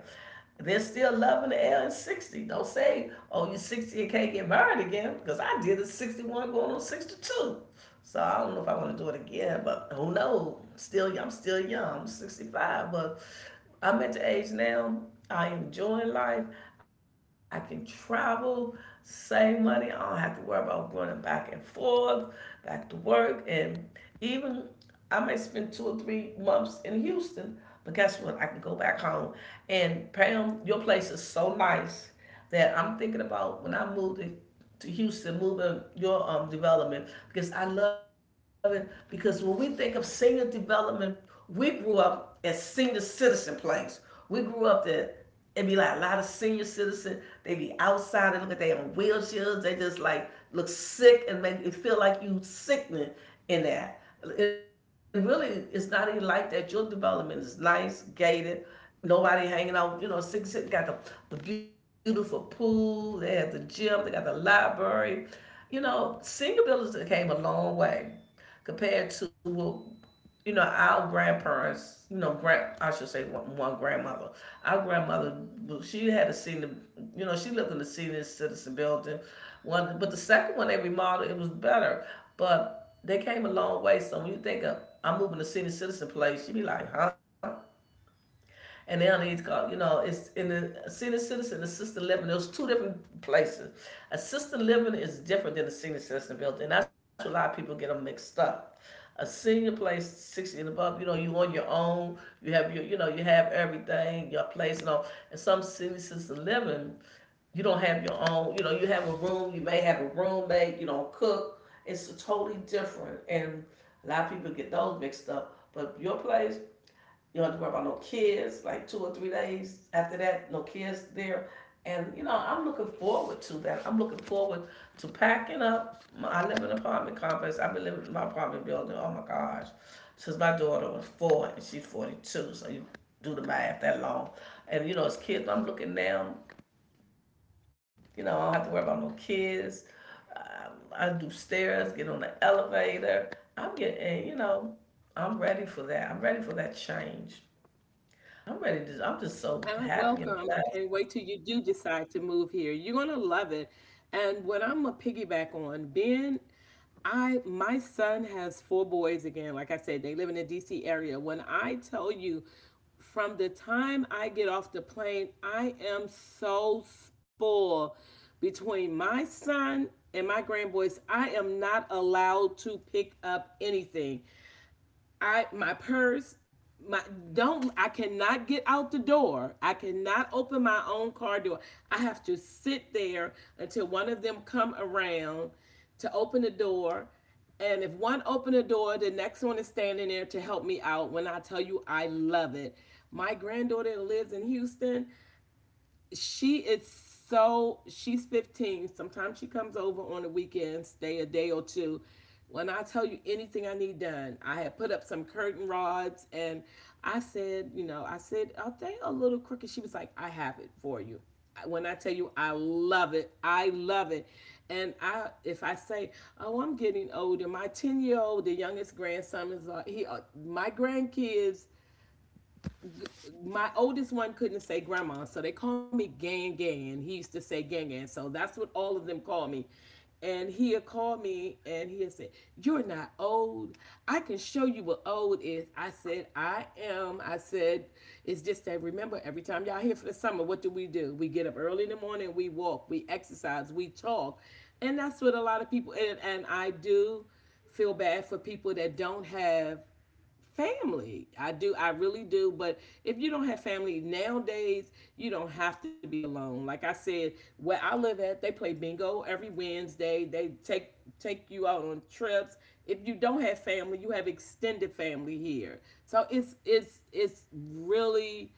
Speaker 1: there's still love in the air in 60. Don't say, oh, you're 60 and can't get married again, because I did it 61 going on 62. So I don't know if I want to do it again, but who knows? Still, I'm still young. I'm 65, but I'm at the age now. I am enjoying life. I can travel, save money. I don't have to worry about going back and forth, back to work, and even I may spend 2 or 3 months in Houston. But guess what? I can go back home. And Pam, your place is so nice that I'm thinking about when I move to Houston, moving your development because I love it. Because when we think of senior development, we grew up as senior citizen place. We grew up there. It'd be like a lot of senior citizen. They be outside. They look at their own wheelchairs. They just like look sick and make it feel like you sickening in that. And really, it's not even like that. Your development is nice, gated. Nobody hanging out, six got the beautiful pool, they had the gym, they got the library. You know, senior buildings came a long way compared to what our grandparents, grand, I should say one grandmother. Our grandmother, well, she had a senior, she lived in the senior citizen building. One, but the second one they remodeled, it was better. But they came a long way. So when you think of, I'm moving to senior citizen place, you be like, huh? And they don't need to call. You know, it's in the senior citizen, assisted living. There's two different places. Assisted living is different than the senior citizen building, and that's where a lot of people get them mixed up. A senior place, 60 and above, you know, you on your own. You have your, you have everything, your place, and all. And some senior citizen living, you don't have your own. You know, you have a room. You may have a roommate. You don't cook. It's totally different, and a lot of people get those mixed up. But your place, you don't have to worry about no kids, like 2 or 3 days after that, no kids there. And I'm looking forward to that. I'm looking forward to packing up. I live in an apartment complex. I've been living in my apartment building. Oh my gosh, since my daughter was four and she's 42, so you do the math that long. And as kids, I'm looking down. I don't have to worry about no kids. I do stairs, get on the elevator. I'm getting, I'm ready for that. I'm ready for that change. I'm ready to. I'm
Speaker 2: And
Speaker 1: just so
Speaker 2: welcome. I
Speaker 1: happy
Speaker 2: can't
Speaker 1: and
Speaker 2: wait till you
Speaker 1: blessed.
Speaker 2: do decide to move here. You're gonna love it. And what I'm gonna piggyback on, being I my son has four boys. Again, like I said, they live in the DC area. When I tell you, from the time I get off the plane, I am so spoiled between my son and my grandboys. I am not allowed to pick up anything. I my purse, my don't I cannot get out the door. I cannot open my own car door. I have to sit there until one of them come around to open the door. And if one open the door, the next one is standing there to help me out. When I tell you, I love it. My granddaughter lives in Houston. She is so She's fifteen. Sometimes she comes over on the weekends, stay a day or two. When I tell you, anything I need done, I had put up some curtain rods, and I said, you know, I said, are they a little crooked? She was like, I have it for you. When I tell you, I love it, I love it. And I if I say, oh, I'm getting older, my ten year old, the youngest grandson, is he my grandkids my oldest one couldn't say grandma, so they call me Gang Gang. He used to say Gang Gang, so that's what all of them call me. And he had called me and he had said, you're not old. I can show you what old is. I said, I am. I said, it's just that, remember, every time y'all here for the summer, what do? We get up early in the morning, we walk, we exercise, we talk. And that's what a lot of people, and I do feel bad for people that don't have family. I do, I really do. But if you don't have family nowadays, you don't have to be alone. Like I said, where I live at, they play bingo every Wednesday. They take you out on trips. If you don't have family, you have extended family here. So it's really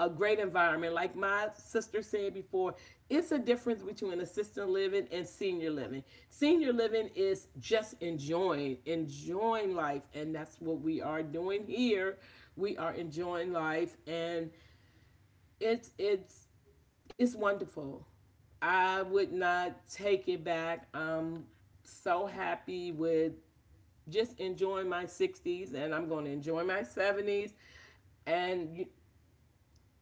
Speaker 2: a great environment. Like my sister said before, it's a difference between assisted living and senior living. Senior living is just enjoying, enjoying life, and that's what we are doing here. We are enjoying life, and it's it's it's wonderful. I would not take it back. I'm so happy with just enjoying my 60s, and I'm going to enjoy my 70s, and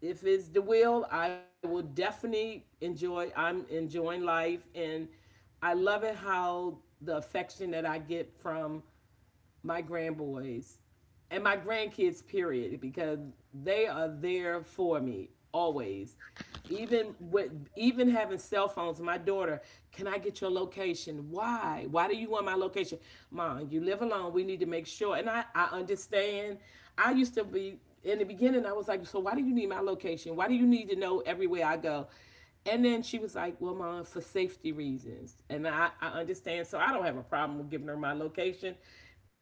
Speaker 2: if it's the will, I will definitely enjoy. I'm enjoying life, and I love it how the affection that I get from my grandboys and my grandkids period, because they are there for me always, even with, even having cell phones. My daughter, can I get your location? Why do you want my location? Mom, you live alone, we need to make sure. And I understand. I used to be In the beginning, I was like, so why do you need my location? Why do you need to know everywhere I go? And then she was like, well, mom, for safety reasons. And I understand. So I don't have a problem with giving her my location.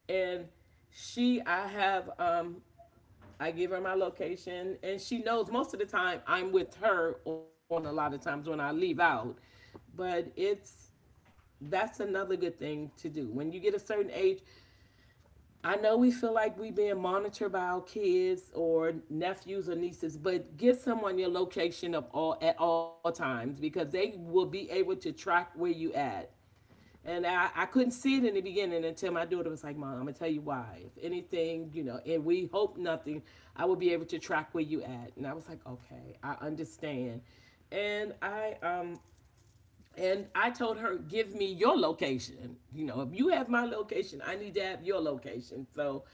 Speaker 2: And she, I have, um, I give her my location, and she knows most of the time I'm with her on a lot of times when I leave out. But it's that's another good thing to do when you get a certain age. I know we feel like we being monitored by our kids or nephews or nieces, but give someone your location of all at all times because they will be able to track where you at. And I couldn't see it in the beginning until my daughter was like, "Mom, I'm going to tell you why. If anything, you know, and we hope nothing, I will be able to track where you at." And I was like, "Okay, I understand." And I, um, and I told her, "Give me your location. You know, if you have my location, I need to have your location." So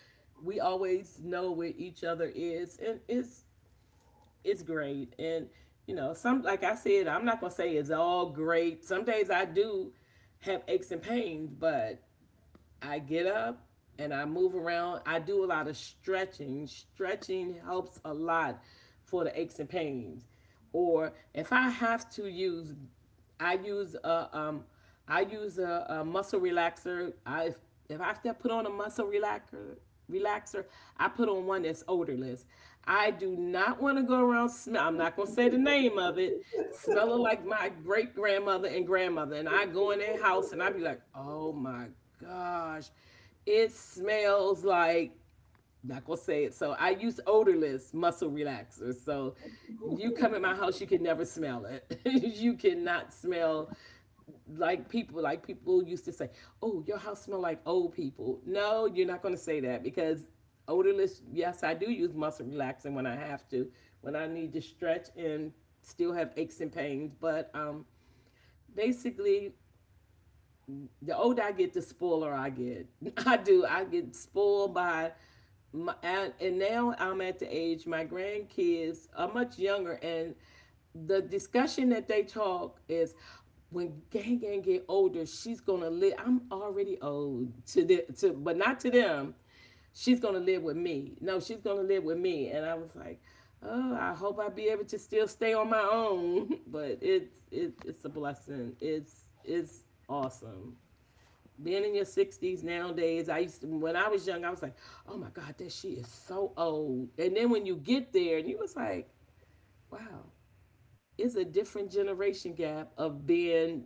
Speaker 2: we always know where each other is. It's great. And you know, some like I said, I'm not gonna say it's all great. Some days I do have aches and pains, but I get up and I move around. I do a lot of stretching. Stretching helps a lot for the aches and pains. Or if I have to use I use a I use a muscle relaxer. I if I have to put on a muscle relaxer, I put on one that's odorless. I do not want to go around smell. I'm not gonna say the name of it. Smelling like my great grandmother and grandmother, and I go in their house and I be like, "Oh my gosh, it smells like," not gonna say it. So I use odorless muscle relaxers. So you come in my house, you can never smell it. You cannot smell like people used to say, "Oh, your house smell like old people." No, you're not gonna say that because odorless. Yes, I do use muscle relaxing when I have to, when I need to stretch and still have aches and pains. But basically, the older I get, the spoiler I get. I do. I get spoiled by my, and, now I'm at the age my grandkids are much younger, and the discussion that they talk is when Gang Gang get older, she's gonna live. I'm already old to the to, but not to them. She's gonna live with me. No, she's gonna live with me. And I was like, "Oh, I hope I be able to still stay on my own." But it's a blessing. It's awesome being in your 60s nowadays. I used to when I was young, I was like, "Oh my god, that she is so old." And then when you get there and you was like, wow, it's a different generation gap of being,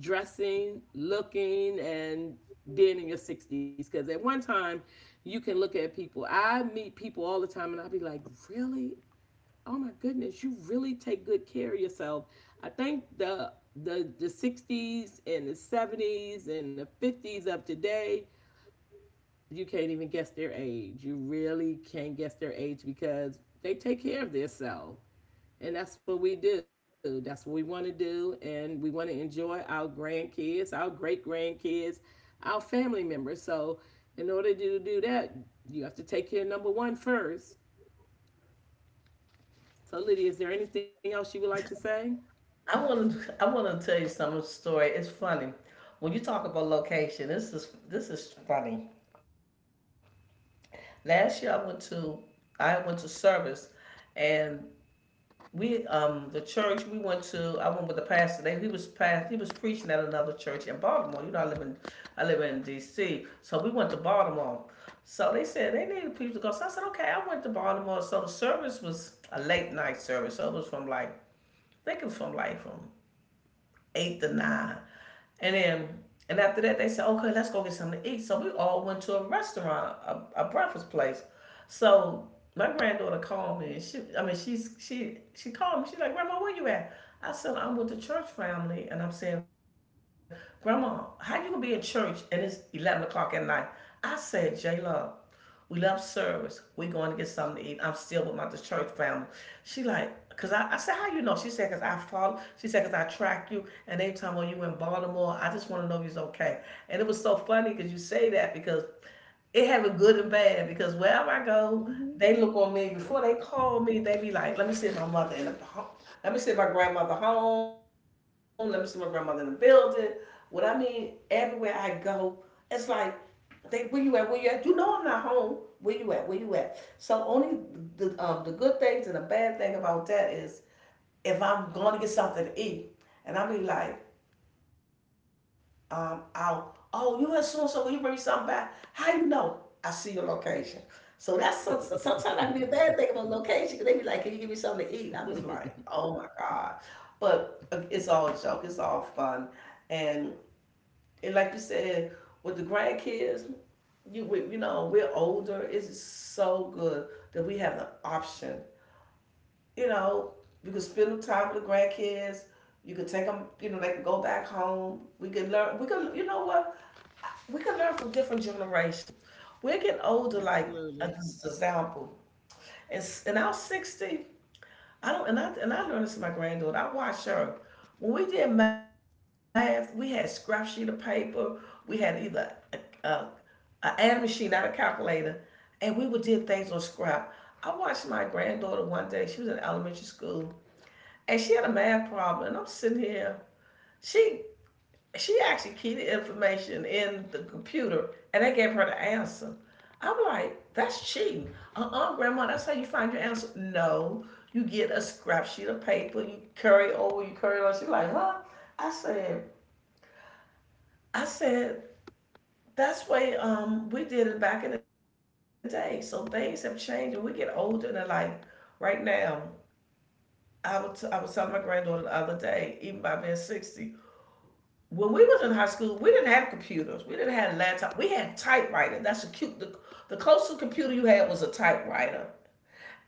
Speaker 2: dressing, looking and being in your 60s. Because at one time you can look at people, I meet people all the time and I'll be like, "Really, oh my goodness, you really take good care of yourself." I think the 60s and the 70s and the 50s of today, you can't even guess their age. You really can't guess their age because they take care of themselves. And that's what we do. That's what we want to do. And we want to enjoy our grandkids, our great grandkids, our family members. So, in order to do that, you have to take care of number one first. So, Lydia, is there anything else you would like to say?
Speaker 1: I want to. I want to tell you some story. It's funny when you talk about location. This is funny. Last year I went to service, and we the church we went to. I went with the pastor. They, he was past. He was preaching at another church in Baltimore. You know I live in D.C. So we went to Baltimore. So they said they needed people to go. So I said okay. I went to Baltimore. So the service was a late night service. So it was from like I think it was from like from eight to nine. And then and after that they said, okay, let's go get something to eat. So we all went to a restaurant, a breakfast place. So my granddaughter called me and she I mean she called me. She's like, Grandma, where you at? I said, I'm with the church family and I'm saying, Grandma, how you gonna be in church and it's 11 o'clock at night? I said, J Love, we left service. We going to get something to eat. I'm still with my the church family. She like, cause I said, how you know? She said, cause I follow. She said, cause I track you. And every time when you were in Baltimore, I just want to know you's okay. And it was so funny because you say that because it have a good and bad. Because wherever I go,
Speaker 2: Mm-hmm.
Speaker 1: they look on me before they call me. They be like, let me see my mother in the home. Let me see my grandmother home. Let me see my grandmother in the building. What I mean, everywhere I go, it's like they, where you at? Where you at? You know I'm not home. Where you at? Where you at? So only the the good things and the bad thing about that is if I'm going to get something to eat and I be like, I'll oh you at so and so. Will you bring me something back? How you know? I see your location. So that's so, sometimes
Speaker 2: Mm-hmm.
Speaker 1: that can be the bad thing about location because they be like, can you give me something to eat? I was like, oh my god. But it's all a joke. It's all fun, and like you said, with the grandkids, you we, you know we're older. It's so good that we have the option. You know, you can spend time with the grandkids. You can take them. They can go back home. We can learn. We can. You know what? We can learn from different generations. We're getting older. Like
Speaker 2: Absolutely.
Speaker 1: as an example, in our 60, I don't, and I learned this from my granddaughter. I watched her when we did math. We had scrap sheet of paper. We had either a, a, a add machine, not a calculator, and we would do things on scrap. I watched my granddaughter one day. She was in elementary school, and she had a math problem. And I'm sitting here. She she actually keyed the information in the computer and they gave her the answer. I'm like, that's cheating. Uh-uh, grandma, that's how you find your answer. No, you get a scrap sheet of paper, you carry over, you carry it on. She's like, huh? I said, I said, that's the way we did it back in the day. So things have changed and we get older and like right now, I was telling my granddaughter the other day, even by being 60, when we was in high school, we didn't have computers. We didn't have laptop. We had typewriter. That's a cute. The closest computer you had was a typewriter,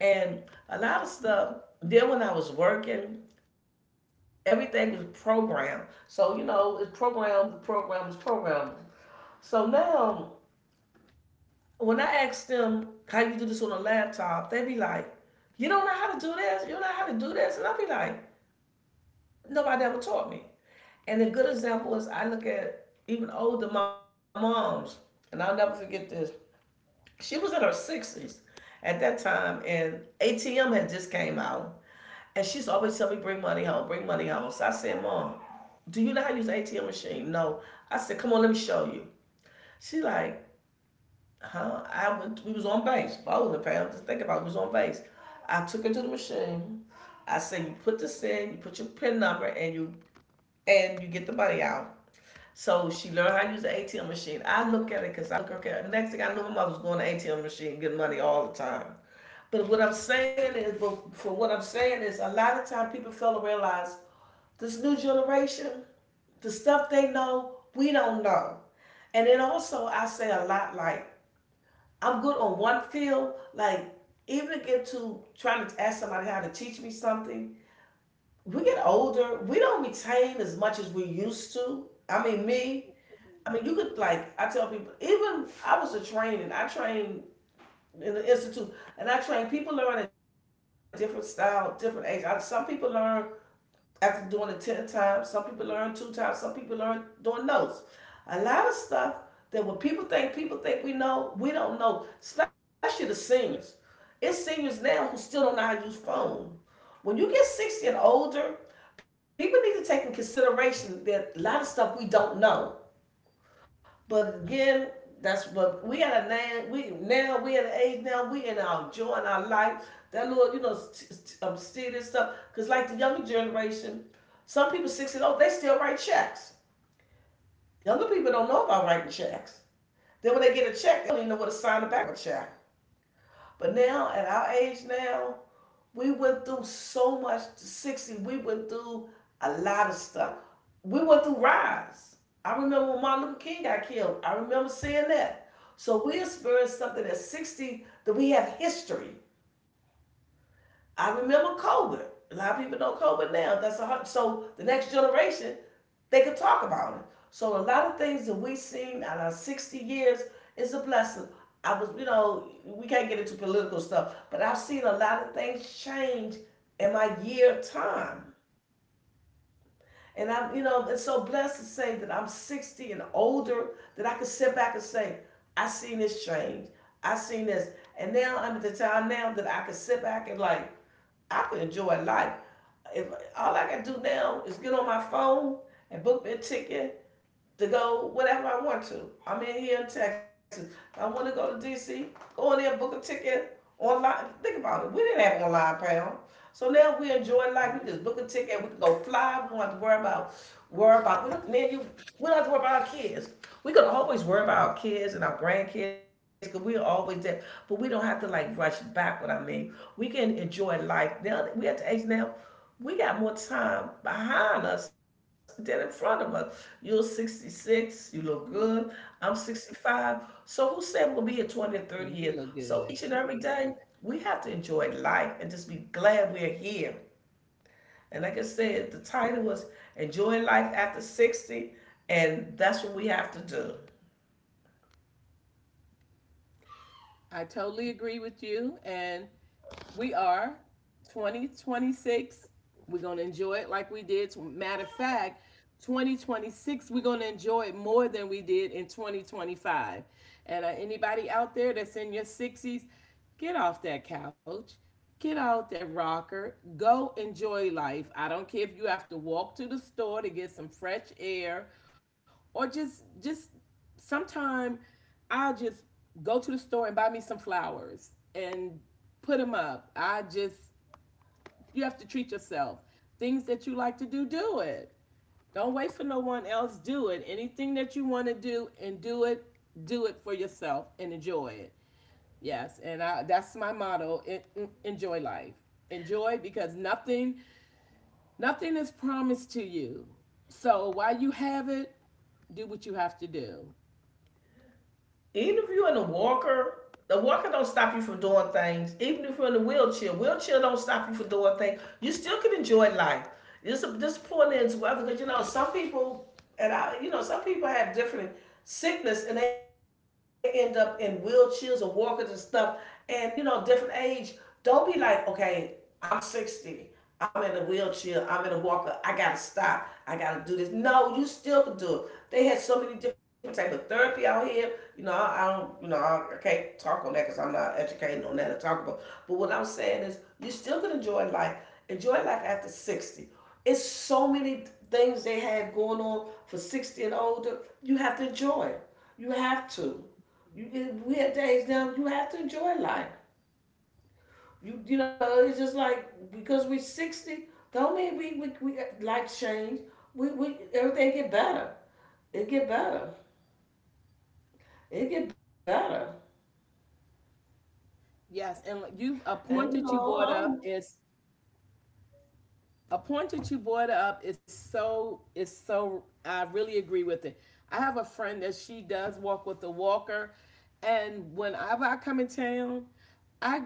Speaker 1: and a lot of stuff. Then when I was working, everything was programmed. So you know, it's programmed. The program is programmed. So now, when I ask them how you do this on a laptop, they be like, "You don't know how to do this. You don't know how to do this," and I be like, "Nobody ever taught me." And a good example is I look at even older, my mom's, and I'll never forget this. She was in her 60s at that time, and ATM had just came out. And she's always telling me, bring money home, bring money home. So I said, Mom, do you know how to use ATM machine? No. I said, come on, let me show you. She like, huh? I went, we was on base, bowling pal. Just think about it, we was on base. I took her to the machine. I said, you put this in, you put your PIN number, and you get the money out. So she learned how to use the ATM machine. I look at it because I look okay. Next thing I knew, my mother was going to ATM machine getting money all the time. But for what I'm saying is, a lot of time people fail to realize this new generation, the stuff they know, we don't know. And then also, I say a lot like, I'm good on one field. Like, even to get to trying to ask somebody how to teach me something, we get older, we don't retain as much as we used to. I mean, you could like I tell people. Even I was a training. I trained in the institute, and I trained people learn a different style, different age. I, some people learn after doing it 10 times. Some people learn 2 times. Some people learn doing notes. A lot of stuff that what people think we know, we don't know. Especially the seniors. It's seniors now who still don't know how to use phone. When you get 60 and older, people need to take in consideration that a lot of stuff we don't know. But again, that's what we at a now. We at an age now. We in our joy and our life. That little stealing stuff. Cause like the younger generation, some people 60 and old they still write checks. Younger people don't know about writing checks. Then when they get a check, they don't even know what to sign the back of a check. But now at our age now, we went through so much. 60, we went through a lot of stuff. We went through riots. I remember when Martin Luther King got killed. I remember seeing that. So we experienced something at 60 that we have history. I remember COVID. A lot of people know COVID now. So the next generation they could talk about it. So a lot of things that we have seen out of 60 years is a blessing. You know, we can't get into political stuff, but I've seen a lot of things change in my year time. And I'm, you know, it's so blessed to say that I'm 60 and older that I can sit back and say, I seen this change. I seen this. And now I'm at the time now that I can sit back and like, I could enjoy life. If all I gotta do now is get on my phone and book me a ticket to go whatever I want to. I'm in here in Texas. If I want to go to DC, go in there, and book a ticket online. Think about it. We didn't have online pound. So now we enjoy
Speaker 2: Mhm.
Speaker 1: life. We just book a ticket. We can go fly. We don't have to worry about worry about. We don't, man, you. We don't have to worry about our kids. We can always
Speaker 2: Yeah.
Speaker 1: worry about our kids and our grandkids because we're always there. But we don't have to like rush back. What I mean, we can enjoy life now. We at the age now we got more time behind us than in front of us. You're 66, you look
Speaker 2: Mm-hmm.
Speaker 1: good. I'm 65. So who said we'll be here 20 and
Speaker 2: You
Speaker 1: 30
Speaker 2: look
Speaker 1: years?
Speaker 2: good.
Speaker 1: So each and every day, we have to enjoy life and just be glad we're here. And like
Speaker 2: Mm-hmm.
Speaker 1: I said, the title was Enjoy Life After 60, and that's what we have to do.
Speaker 2: I totally agree with you. And we are 2026. We're going to enjoy it like we did. Matter of fact, 2026, we're going to enjoy it more than we did in 2025. And anybody out there that's in your 60s, get off that couch. Get out that rocker. Go enjoy life. I don't care if you have to walk to the store to get some fresh air or just sometimes I'll just go to the store and buy me some flowers and put them up. I just, you have to treat yourself. Things that you like to do, do it. Don't wait for no one else. Do it. Anything that you want to do and do it for yourself and enjoy it. Yes, and I, that's my motto. Enjoy life. Enjoy because nothing, nothing is promised to you. So while you have it, do what you have to do.
Speaker 1: Even if you're in a walker, the walker don't stop you from doing things. Even if you're in a wheelchair, wheelchair don't stop you from doing things. You still can enjoy life. This point is whether because you know some people and I you know some people have different sickness and they end up in wheelchairs or walkers and stuff. And you know different age. Don't be like okay, I'm 60. I'm in a wheelchair. I'm in a walker. I gotta stop. I gotta do this. No, you still can do it. They had so many different type of therapy out here. You know, I, don't. You know, can't talk on that because I'm not educated on that to talk about. But what I'm saying is, you still can enjoy life. Enjoy life after 60. It's so many things they have going on for 60 and older. You have to enjoy it. You have to. You get weird days now. You have to enjoy life. You know, it's just like because we're 60, don't mean we life change. We everything get better. It get better. It get better.
Speaker 2: Yes, and like you a
Speaker 1: And
Speaker 2: point
Speaker 1: you
Speaker 2: that you
Speaker 1: know,
Speaker 2: brought up is a point that you brought up is so I really agree with it. I have a friend that she does walk with a walker, and whenever I come in town, I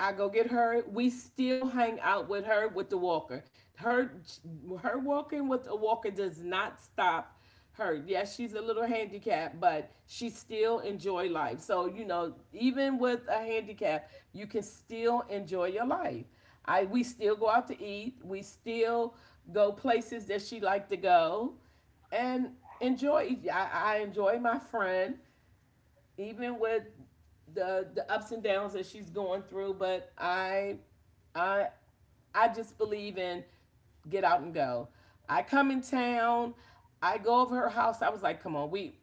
Speaker 2: I go get her. We still hang out with her with the walker. Her her walking with a walker does not stop her. Yes, she's a little handicapped, but she still enjoy life. So you know, even with a handicap, you can still enjoy your life. I we still go out to eat. We still go places that she like to go, and enjoy. I enjoy my friend even with the ups and downs that she's going through. But I I just believe in get out and go. I come in town. I go over her house. I was like, "Come on, we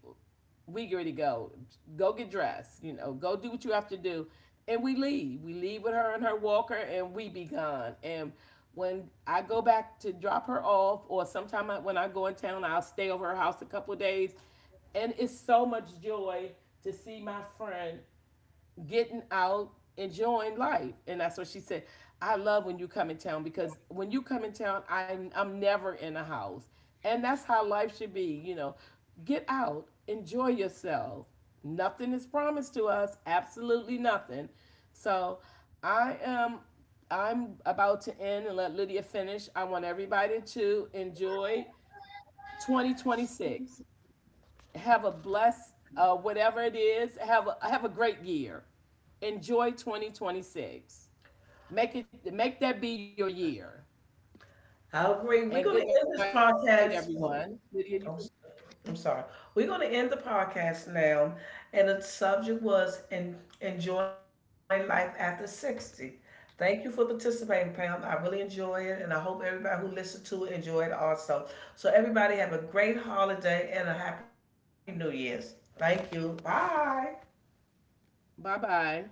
Speaker 2: we get ready to go. Go get dressed, you know, go do what you have to do." And we leave. We leave with her and her walker and we be gone. And when I go back to drop her off, or sometime I, when I go in town, I'll stay over her house a couple of days. And it's so much joy to see my friend getting out, enjoying life. And that's what she said. "I love when you come in town because when you come in town, I'm never in a house." And that's how life should be, you know. Get out, enjoy yourself. Nothing is promised to us, absolutely nothing. So I am I'm about to end and let Lydia finish. I want everybody to enjoy 2026. Have a blessed whatever it is. Have a great year. Enjoy 2026. Make it make that be your year.
Speaker 1: I agree.
Speaker 2: And
Speaker 1: We're
Speaker 2: good
Speaker 1: going to
Speaker 2: night,
Speaker 1: end this
Speaker 2: everyone. Lydia,
Speaker 1: podcast.
Speaker 2: you can
Speaker 1: I'm, s- I'm sorry. We're going to end the podcast now. And the subject was enjoying life after 60. Thank you for participating, Pam. I really enjoy it. And I hope everybody who listened to it enjoyed it also. So, everybody, have a great holiday and a happy New Year's. Thank you. Bye.
Speaker 2: bye bye.